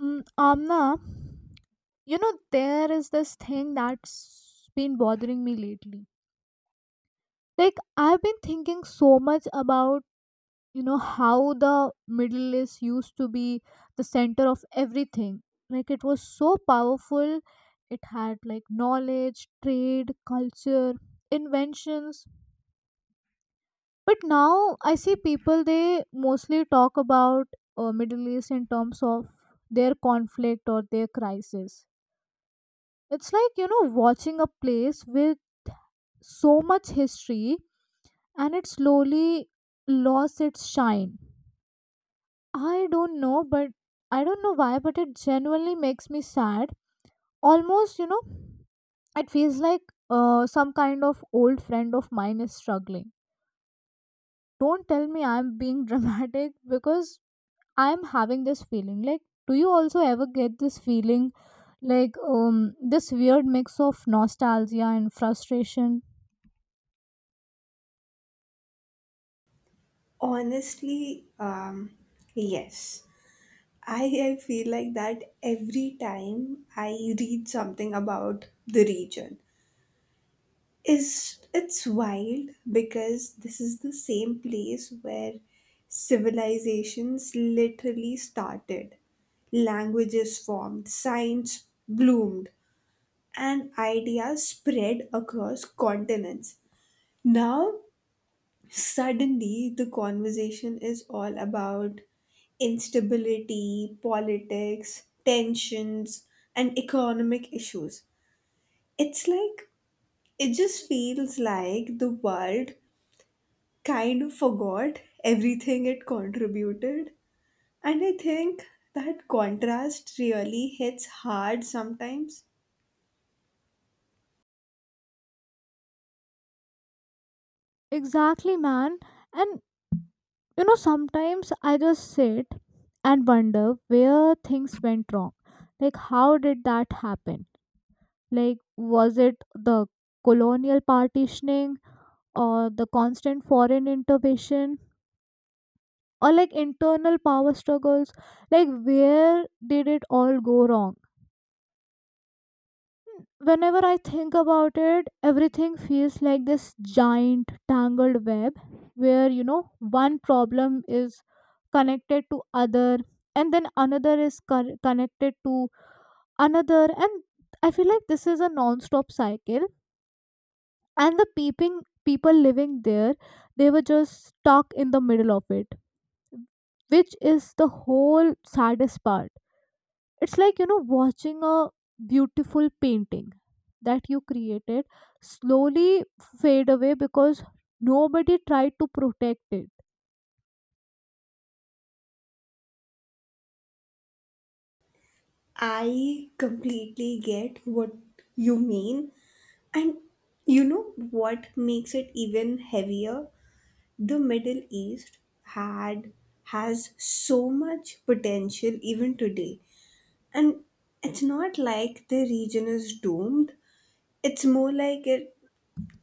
Mm, Amna, you know, there is this thing that's been bothering me lately. Like, I've been thinking so much about, you know, how the Middle East used to be the center of everything. Like, it was so powerful. It had, like, knowledge, trade, culture, inventions. But now I see people, they mostly talk about Middle East in terms of their conflict or their crisis. It's like, you know, watching a place with so much history and it slowly lost its shine. I don't know, but I don't know why, but it genuinely makes me sad. Almost, you know, it feels like some kind of old friend of mine is struggling. Don't tell me I'm being dramatic because I'm having this feeling. Like, do you also ever get this feeling like this weird mix of nostalgia and frustration. Honestly, yes. I feel like that every time I read something about the region. Is it's wild because this is the same place where civilizations literally started. Languages formed, science bloomed, and ideas spread across continents. Now suddenly the conversation is all about instability, politics, tensions, and economic issues. It's like, it just feels like the world kind of forgot everything it contributed. And I think that contrast really hits hard sometimes. Exactly, man. And you know, sometimes I just sit and wonder where things went wrong. Like, how did that happen? Like, was it the colonial partitioning or the constant foreign intervention or like internal power struggles? Like, where did it all go wrong? Whenever I think about it, everything feels like this giant tangled web where, you know, one problem is connected to other and then another is connected to another, and I feel like this is a non-stop cycle and the peeping people living there, they were just stuck in the middle of it, which is the whole saddest part. It's like, you know, watching a beautiful painting that you created slowly fade away because nobody tried to protect it. I completely get what you mean. And you know what makes it even heavier? The Middle East had has so much potential even today. And it's not like the region is doomed. It's more like it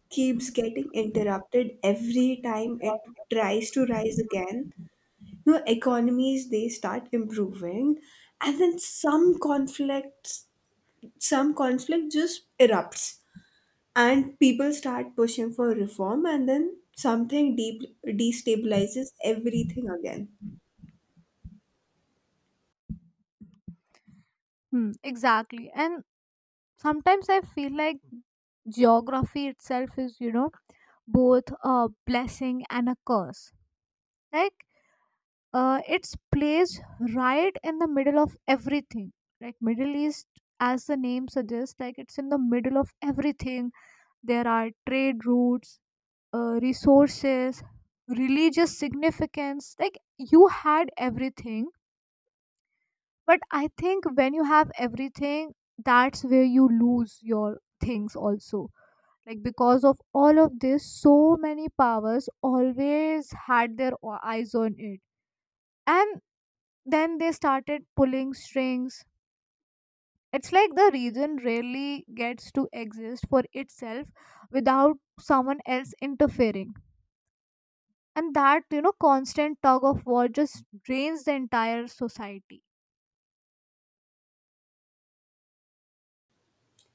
keeps getting interrupted every time it tries to rise again. You know, economies they start improving and then some conflict just erupts, and people start pushing for reform, and then something deep destabilizes everything again. Hmm, exactly. And sometimes I feel like geography itself is, you know, both a blessing and a curse. Like, it's placed right in the middle of everything. Like, Middle East, as the name suggests, like it's in the middle of everything. There are trade routes, resources, religious significance. Like you had everything, but I think when you have everything, that's where you lose your things also. Like because of all of this, so many powers always had their eyes on it, and then they started pulling strings. It's like the region rarely gets to exist for itself without someone else interfering, and that, you know, constant tug of war just drains the entire society.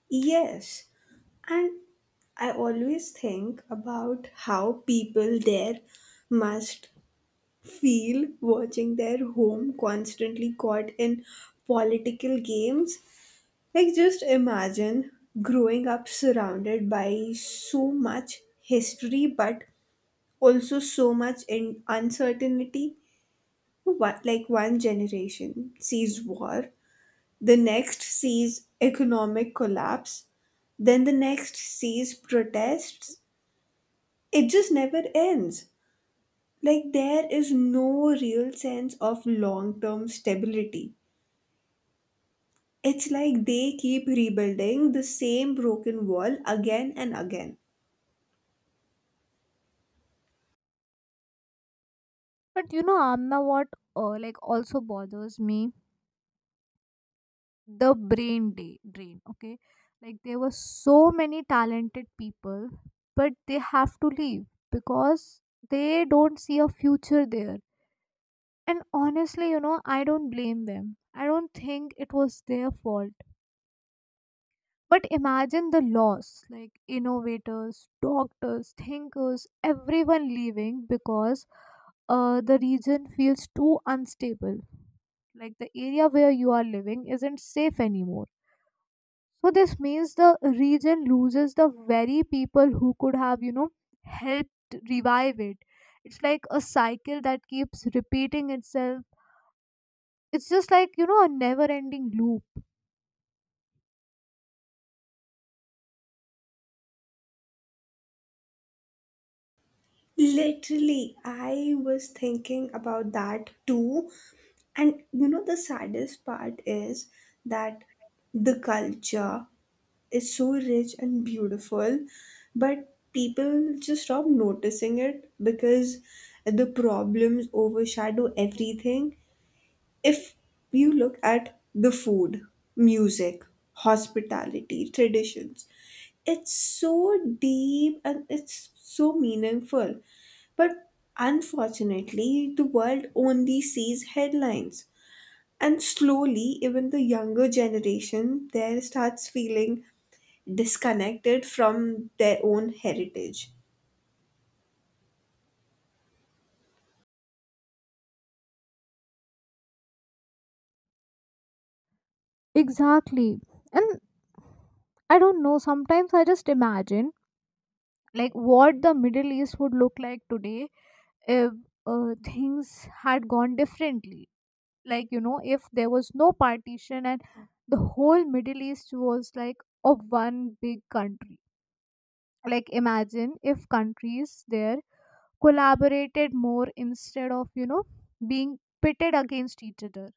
Yes, and I always think about how people there must feel watching their home constantly caught in political games. Like, just imagine growing up surrounded by so much history, but also so much in uncertainty. What, like, one generation sees war, the next sees economic collapse, then the next sees protests. It just never ends. Like, there is no real sense of long term stability. It's like they keep rebuilding the same broken wall again and again. But you know, Amna, what like also bothers me, the brain day drain, okay? Like there were so many talented people but they have to leave because they don't see a future there. And honestly, you know, I don't blame them. I don't think it was their fault, but imagine the loss. Like innovators, doctors, thinkers, everyone leaving because the region feels too unstable. Like the area where you are living isn't safe anymore. So this means the region loses the very people who could have, you know, helped revive it. It's like a cycle that keeps repeating itself. It's just like, you know, a never ending loop. Literally, I was thinking about that too. And you know, the saddest part is that the culture is so rich and beautiful, but people just stop noticing it because the problems overshadow everything. If you look at the food, music, hospitality, traditions, it's so deep and it's so meaningful. But unfortunately, the world only sees headlines. And slowly, even the younger generation there starts feeling disconnected from their own heritage. Exactly. And I don't know, sometimes I just imagine like what the Middle East would look like today if things had gone differently. Like, you know, if there was no partition and the whole Middle East was like a one big country, like imagine if countries there collaborated more instead of, you know, being pitted against each other.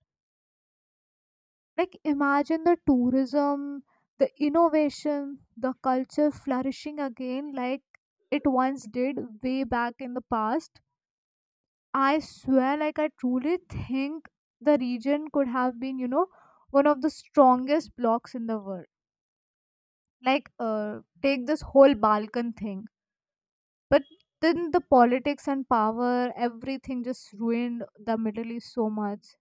Like imagine the tourism, the innovation, the culture flourishing again like it once did way back in the past. I swear, like, I truly think the region could have been, you know, one of the strongest blocks in the world. Like, take this whole Balkan thing. But then the politics and power, everything just ruined the Middle East so much.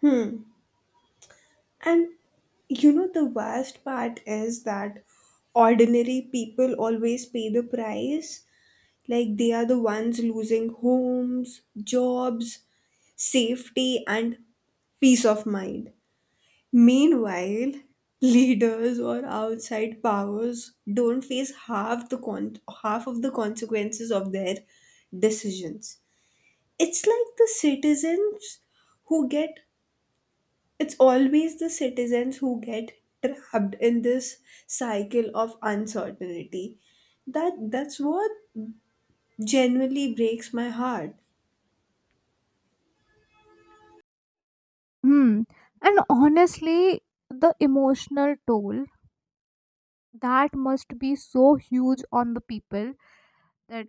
Hmm. And you know, the worst part is that ordinary people always pay the price. Like they are the ones losing homes, jobs, safety, and peace of mind. Meanwhile, leaders or outside powers don't face half of the consequences of their decisions. It's like the citizens who get it's always the citizens who get trapped in this cycle of uncertainty. That's what genuinely breaks my heart. Hmm. And honestly, the emotional toll that must be so huge on the people, that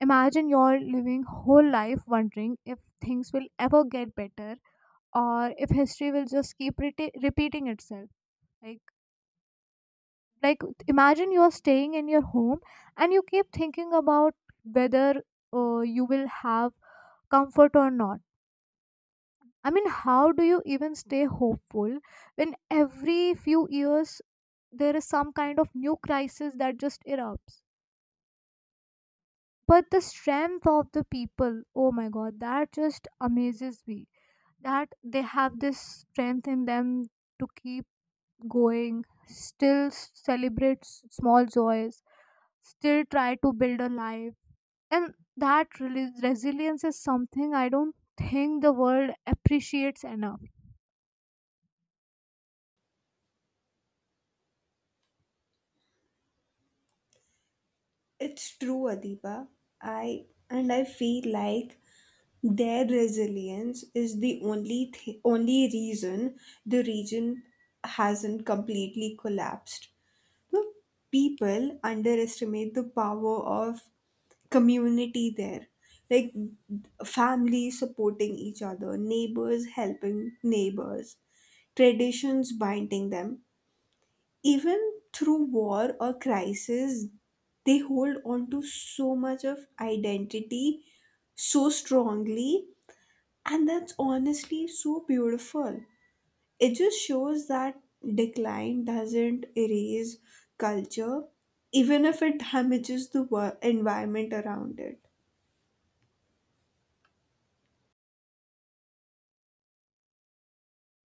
imagine you're living whole life wondering if things will ever get better or if history will just keep repeating itself. Like like imagine you are staying in your home and you keep thinking about whether you will have comfort or not. I mean, how do you even stay hopeful when every few years there is some kind of new crisis that just erupts? But the strength of the people, oh my god, that just amazes me, that they have this strength in them to keep going, still celebrate small joys, still try to build a life. And that really, resilience is something I don't think the world appreciates enough. It's true, Adipa. I feel like their resilience is the only reason the region hasn't completely collapsed. The people underestimate the power of community there, like families supporting each other, neighbors helping neighbors, traditions binding them, even through war or crisis. They hold on to so much of identity so strongly, and that's honestly so beautiful. It just shows that decline doesn't erase culture, even if it damages the environment around it.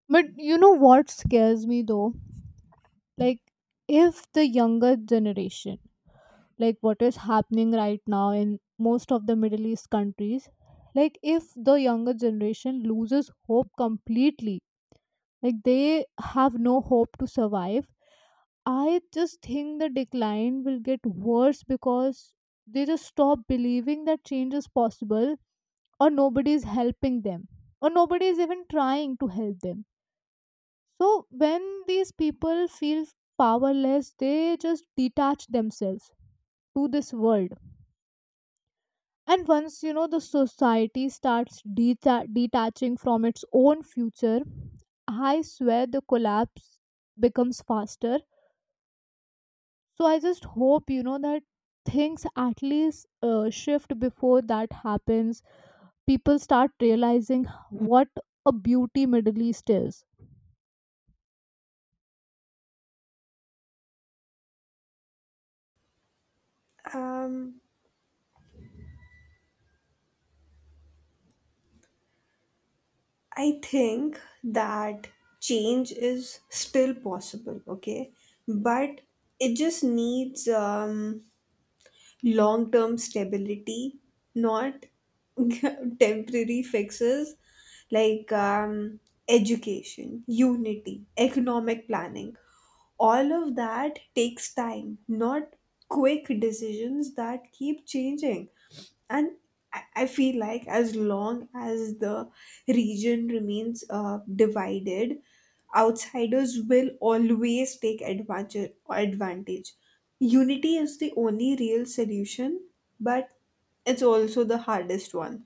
But you know what scares me though? Like, if the younger generation, like what is happening right now in most of the Middle East countries, like if the younger generation loses hope completely, like they have no hope to survive, I just think the decline will get worse because they just stop believing that change is possible, or nobody is helping them, or nobody is even trying to help them. So when these people feel powerless, they just detach themselves to this world. And once, you know, the society starts detaching from its own future, I swear the collapse becomes faster. So I just hope, you know, that things at least shift before that happens. People start realizing what a beauty Middle East is. Um, I think that change is still possible, okay? But it just needs long term stability, not temporary fixes like education, unity, economic planning. All of that takes time, not quick decisions that keep changing. And I feel like as long as the region remains divided, outsiders will always take advantage. Advantage. Unity is the only real solution, but it's also the hardest one.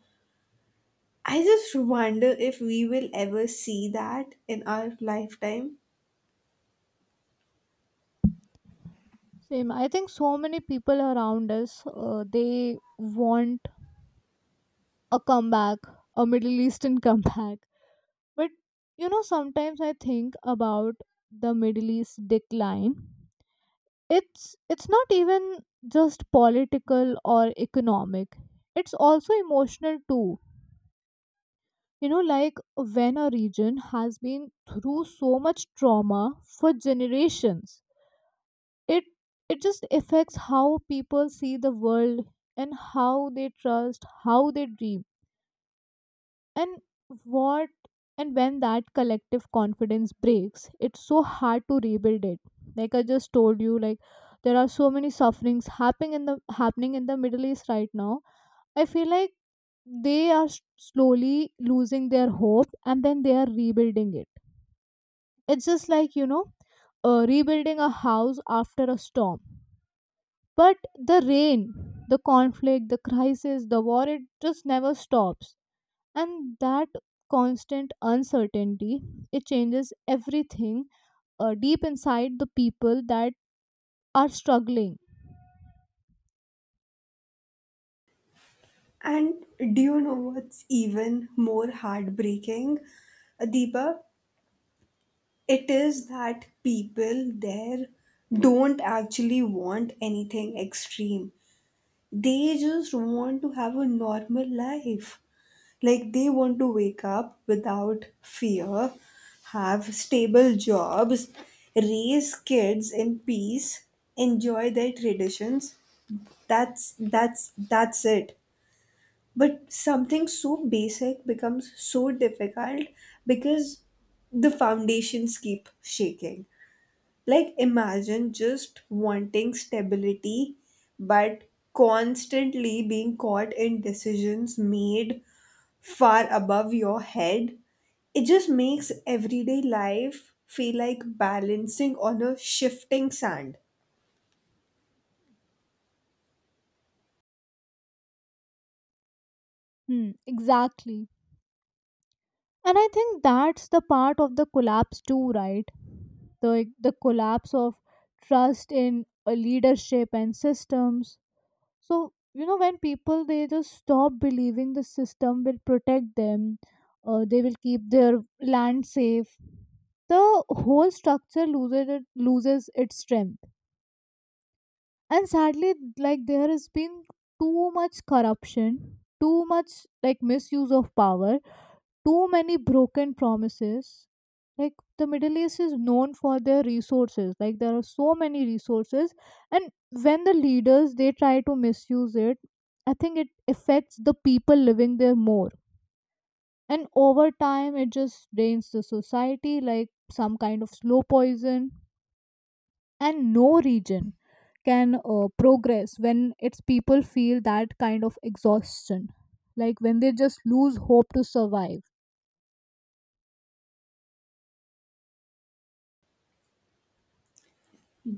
I just wonder if we will ever see that in our lifetime. Same. I think so many people around us they want a comeback, a Middle Eastern comeback. But you know, sometimes I think about the Middle East decline. It's not even just political or economic. It's also emotional too. You know, like when a region has been through so much trauma for generations, it it just affects how people see the world and how they trust, how they dream, and what. And when that collective confidence breaks, it's so hard to rebuild it. Like I just told you, like there are so many sufferings happening in the Middle East right now. I feel like they are slowly losing their hope and then they are rebuilding it. It's just like, you know, rebuilding a house after a storm. But the rain, the conflict, the crisis, the war, it just never stops. And that constant uncertainty, it changes everything deep inside the people that are struggling. And do you know what's even more heartbreaking, Deepa? It is that people there don't actually want anything extreme. They just want to have a normal life. Like they want to wake up without fear, have stable jobs, raise kids in peace, enjoy their traditions. That's it. But something so basic becomes so difficult because the foundations keep shaking. Like, imagine just wanting stability, but constantly being caught in decisions made far above your head. It just makes everyday life feel like balancing on a shifting sand. Hmm, exactly. And I think that's the part of the collapse too, right? The the collapse of trust in leadership and systems. So you know, when people, they just stop believing the system will protect them, they will keep their land safe, the whole structure loses its strength. And sadly, like there has been too much corruption, too much like misuse of power, too many broken promises. Like the Middle East is known for their resources, like there are so many resources. And when the leaders, they try to misuse it, I think it affects the people living there more. And over time, it just drains the society like some kind of slow poison. And no region can progress when its people feel that kind of exhaustion, like when they just lose hope to survive.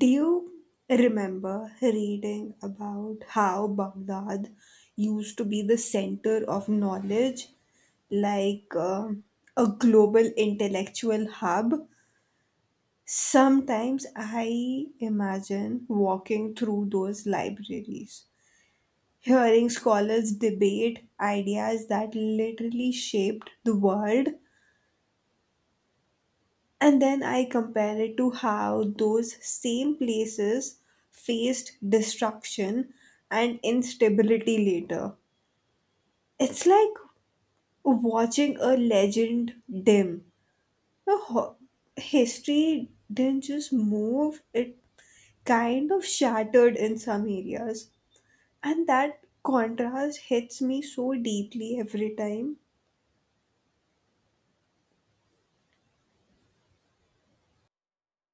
Do you remember reading about how Baghdad used to be the center of knowledge, like a global intellectual hub? Sometimes I imagine walking through those libraries, hearing scholars debate ideas that literally shaped the world, and then I compare it to how those same places faced destruction and instability later. It's like watching a legend dim. The ho- History didn't just move, it kind of shattered in some areas, and that contrast hits me so deeply every time.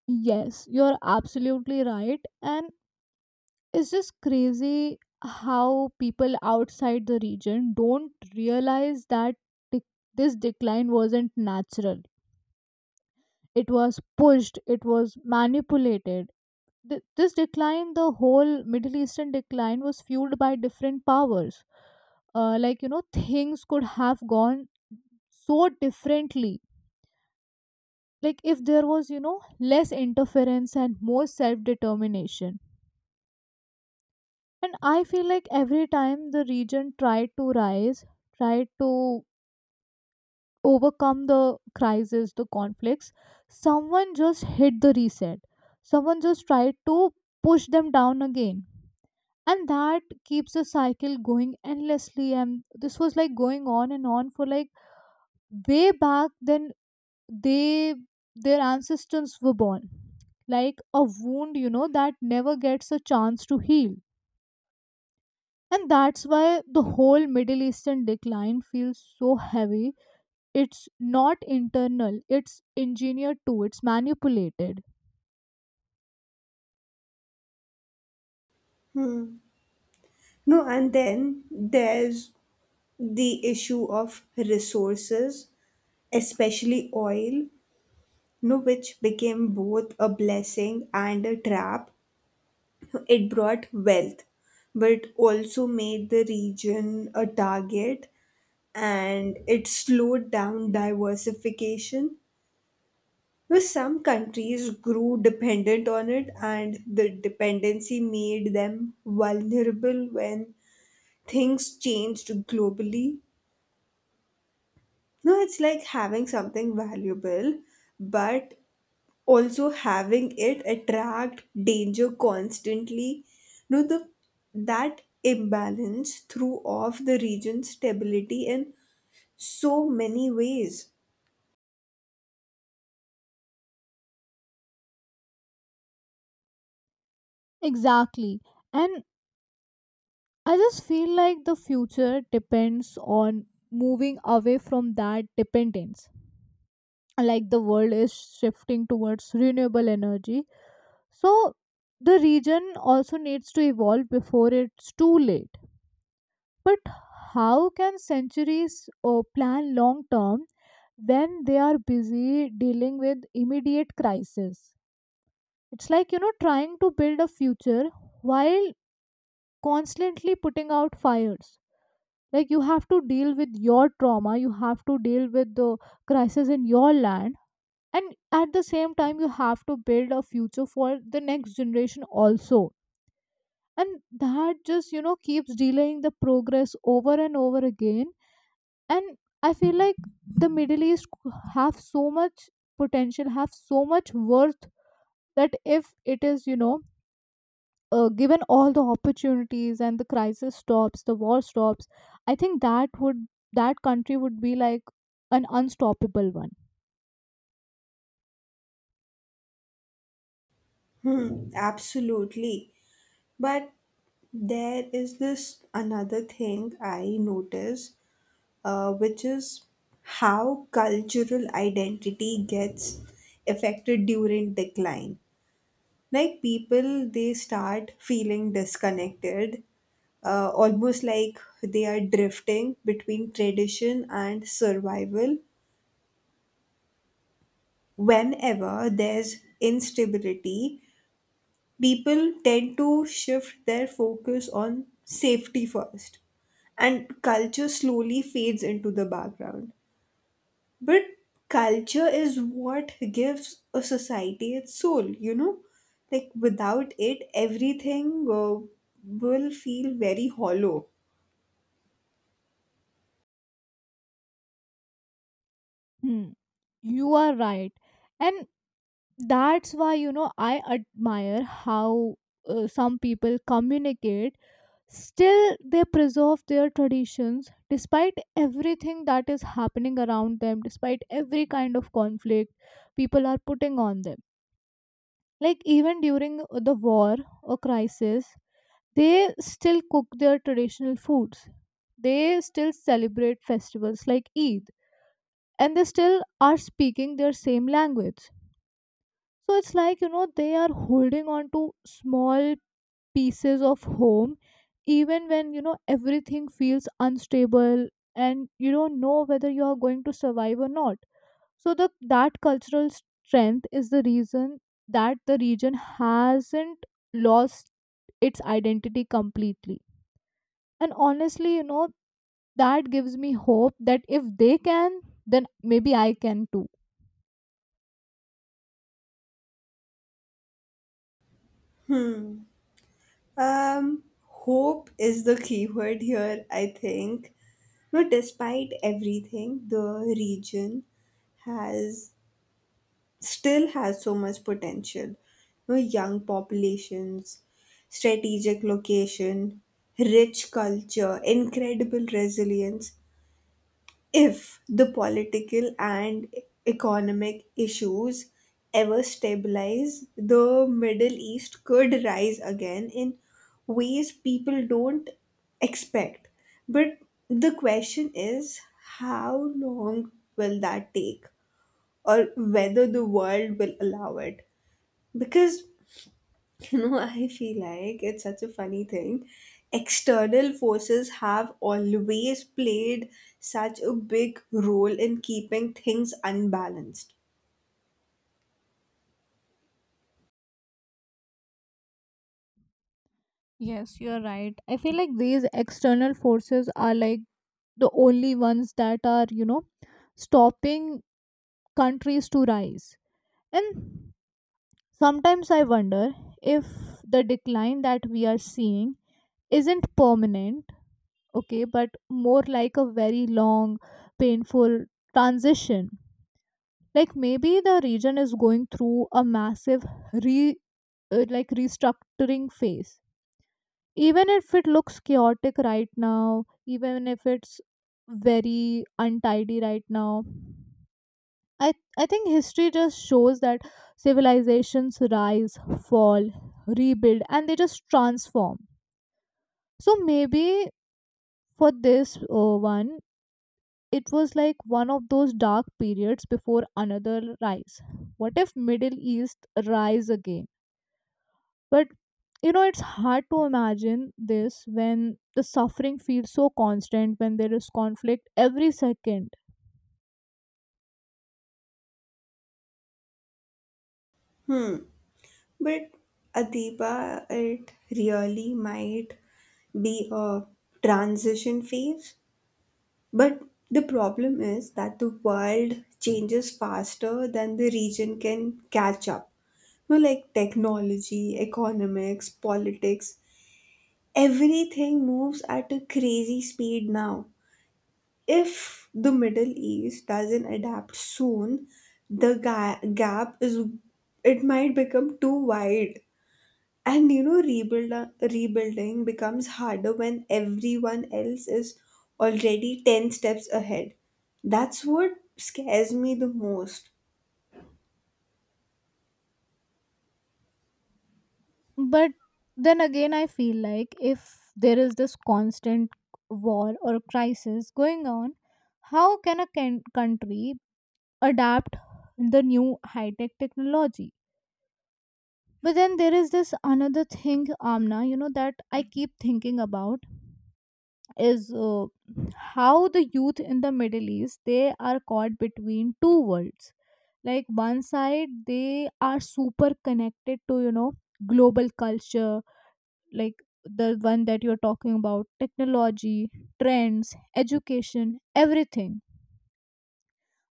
Yes, you're absolutely right. And it's just crazy how people outside the region don't realize that dec- this decline wasn't natural. It was pushed, it was manipulated. This decline, the whole Middle Eastern decline, was fueled by different powers. Like, you know, things could have gone so differently. Like, if there was, you know, less interference and more self determination. And I feel like every time the region tried to rise, tried to overcome the crisis, the conflicts, someone just hit the reset. Someone just tried to push them down again. And that keeps the cycle going endlessly. And this was like going on and on for like way back then they their ancestors were born. Like a wound, you know, that never gets a chance to heal. And that's why the whole Middle Eastern decline feels so heavy. It's not internal, it's engineered too, it's manipulated. Hmm. No, and then there's the issue of resources, especially oil, no, which became both a blessing and a trap. It brought wealth, but also made the region a target, and it slowed down diversification. Well, some countries grew dependent on it, and the dependency made them vulnerable when things changed globally. No, it's like having something valuable, but also having it attract danger constantly. No, the that imbalance threw off the region's stability in so many ways. Exactly. And I just feel like the future depends on moving away from that dependence. Like the world is shifting towards renewable energy. So the region also needs to evolve before it's too late. But how can centuries plan long term when they are busy dealing with immediate crisis? It's like, you know, trying to build a future while constantly putting out fires. Like, you have to deal with your trauma, you have to deal with the crisis in your land, and at the same time, you have to build a future for the next generation also. And that just, you know, keeps delaying the progress over and over again. And I feel like the Middle East have so much potential, have so much worth, that if it is, you know, given all the opportunities and the crisis stops, the war stops, I think that would, that country would be like an unstoppable one. Hmm, absolutely. But there is this another thing I notice, which is how cultural identity gets affected during decline. Like people, they start feeling disconnected, almost like they are drifting between tradition and survival. Whenever there's instability, people tend to shift their focus on safety first, and culture slowly fades into the background. But culture is what gives a society its soul, you know. Like without it, everything will feel very hollow. Hmm. You are right. And that's why, you know, I admire how some people communicate. Still they preserve their traditions despite everything that is happening around them, despite every kind of conflict people are putting on them. Like even during the war or crisis, they still cook their traditional foods, they still celebrate festivals like Eid, and they still are speaking their same language. So it's like, you know, they are holding on to small pieces of home, even when, you know, everything feels unstable and you don't know whether you are going to survive or not. So the that cultural strength is the reason that the region hasn't lost its identity completely. And honestly, you know, that gives me hope that if they can, then maybe I can too. Hmm. um, Hope is the key word here, I think. But despite everything, the region has still has so much potential. You know, young populations, strategic location, rich culture, incredible resilience. If the political and economic issues ever stabilize, the Middle East could rise again in ways people don't expect. But the question is, how long will that take? Or whether the world will allow it. Because, you know, I feel like it's such a funny thing. External forces have always played such a big role in keeping things unbalanced. Yes, you're right. I feel like these external forces are like the only ones that are, you know, stopping countries to rise. And sometimes I wonder if the decline that we are seeing isn't permanent, okay, but more like a very long, painful transition. Like maybe the region is going through a massive re like restructuring phase, even if it looks chaotic right now, even if it's very untidy right now. I think history just shows that civilizations rise, fall, rebuild, and they just transform. So maybe for this one, it was like one of those dark periods before another rise. What if Middle East rise again? But you know, it's hard to imagine this when the suffering feels so constant, when there is conflict every second. Hmm. But Adiba, it really might be a transition phase. But the problem is that the world changes faster than the region can catch up. You know, like technology, economics, politics, everything moves at a crazy speed now. If the Middle East doesn't adapt soon, the ga- gap is it might become too wide, and you know, rebuilding becomes harder when everyone else is already 10 steps ahead. That's what scares me the most. But then again, I feel like if there is this constant war or crisis going on, how can country adapt the new high tech technology? But then there is this another thing, Amna, you know, that I keep thinking about is how the youth in the Middle East, they are caught between two worlds. Like one side, they are super connected to, you know, global culture, like the one that you're talking about, technology, trends, education, everything.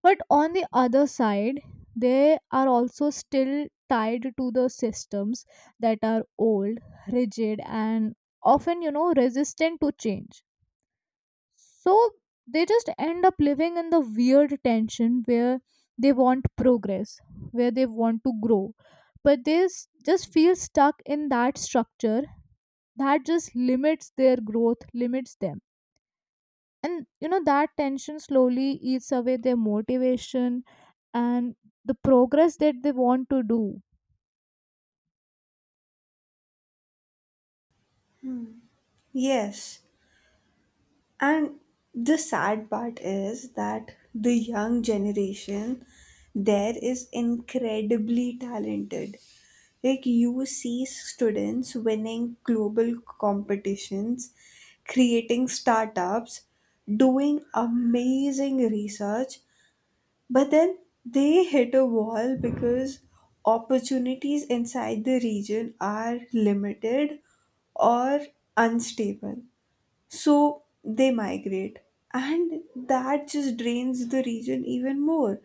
But on the other side, they are also still tied to the systems that are old, rigid, and often, you know, resistant to change. So they just end up living in the weird tension where they want progress, where they want to grow, but they just feel stuck in that structure that just limits their growth, limits them. And you know that tension slowly eats away their motivation and the progress that they want to do. Yes. And the sad part is that the young generation there is incredibly talented. Like you see students winning global competitions, creating startups, doing amazing research. But then they hit a wall because opportunities inside the region are limited or unstable. So they migrate. And that just drains the region even more.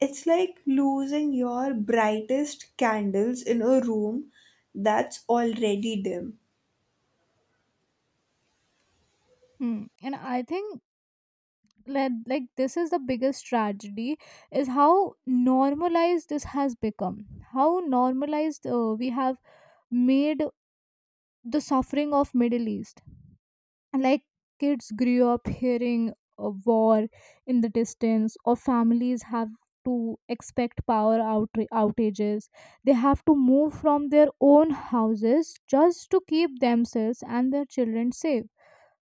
It's like losing your brightest candles in a room that's already dim. Hmm. And I think, like this is the biggest tragedy, is how normalized this has become, how normalized we have made the suffering of Middle East. And like kids grew up hearing a war in the distance, or families have to expect power outages. They have to move from their own houses just to keep themselves and their children safe.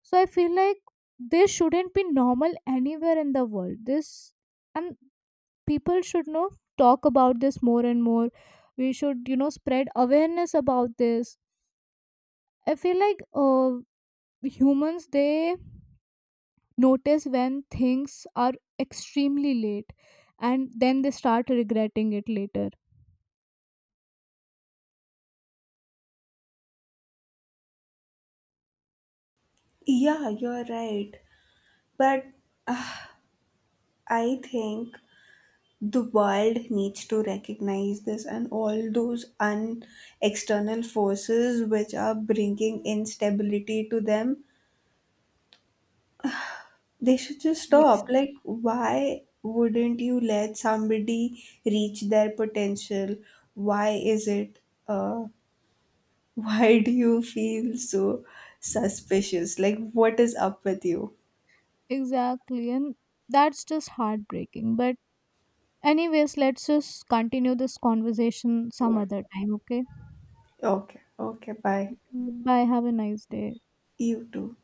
So I feel like this shouldn't be normal anywhere in the world, this. And people should know, talk about this more and more. We should, you know, spread awareness about this. I feel like humans, they notice when things are extremely late, and then they start regretting it later. Yeah, you're right. But I think the world needs to recognize this, and all those external forces which are bringing instability to them, they should just stop. Yes, Like why wouldn't you let somebody reach their potential? Why is it uh, why do you feel so suspicious? Like what is up with you? exactly. And that's just heartbreaking, but anyways, let's just continue this conversation some other time, okay? Okay, okay, bye. Okay, bye, have a nice day. You too.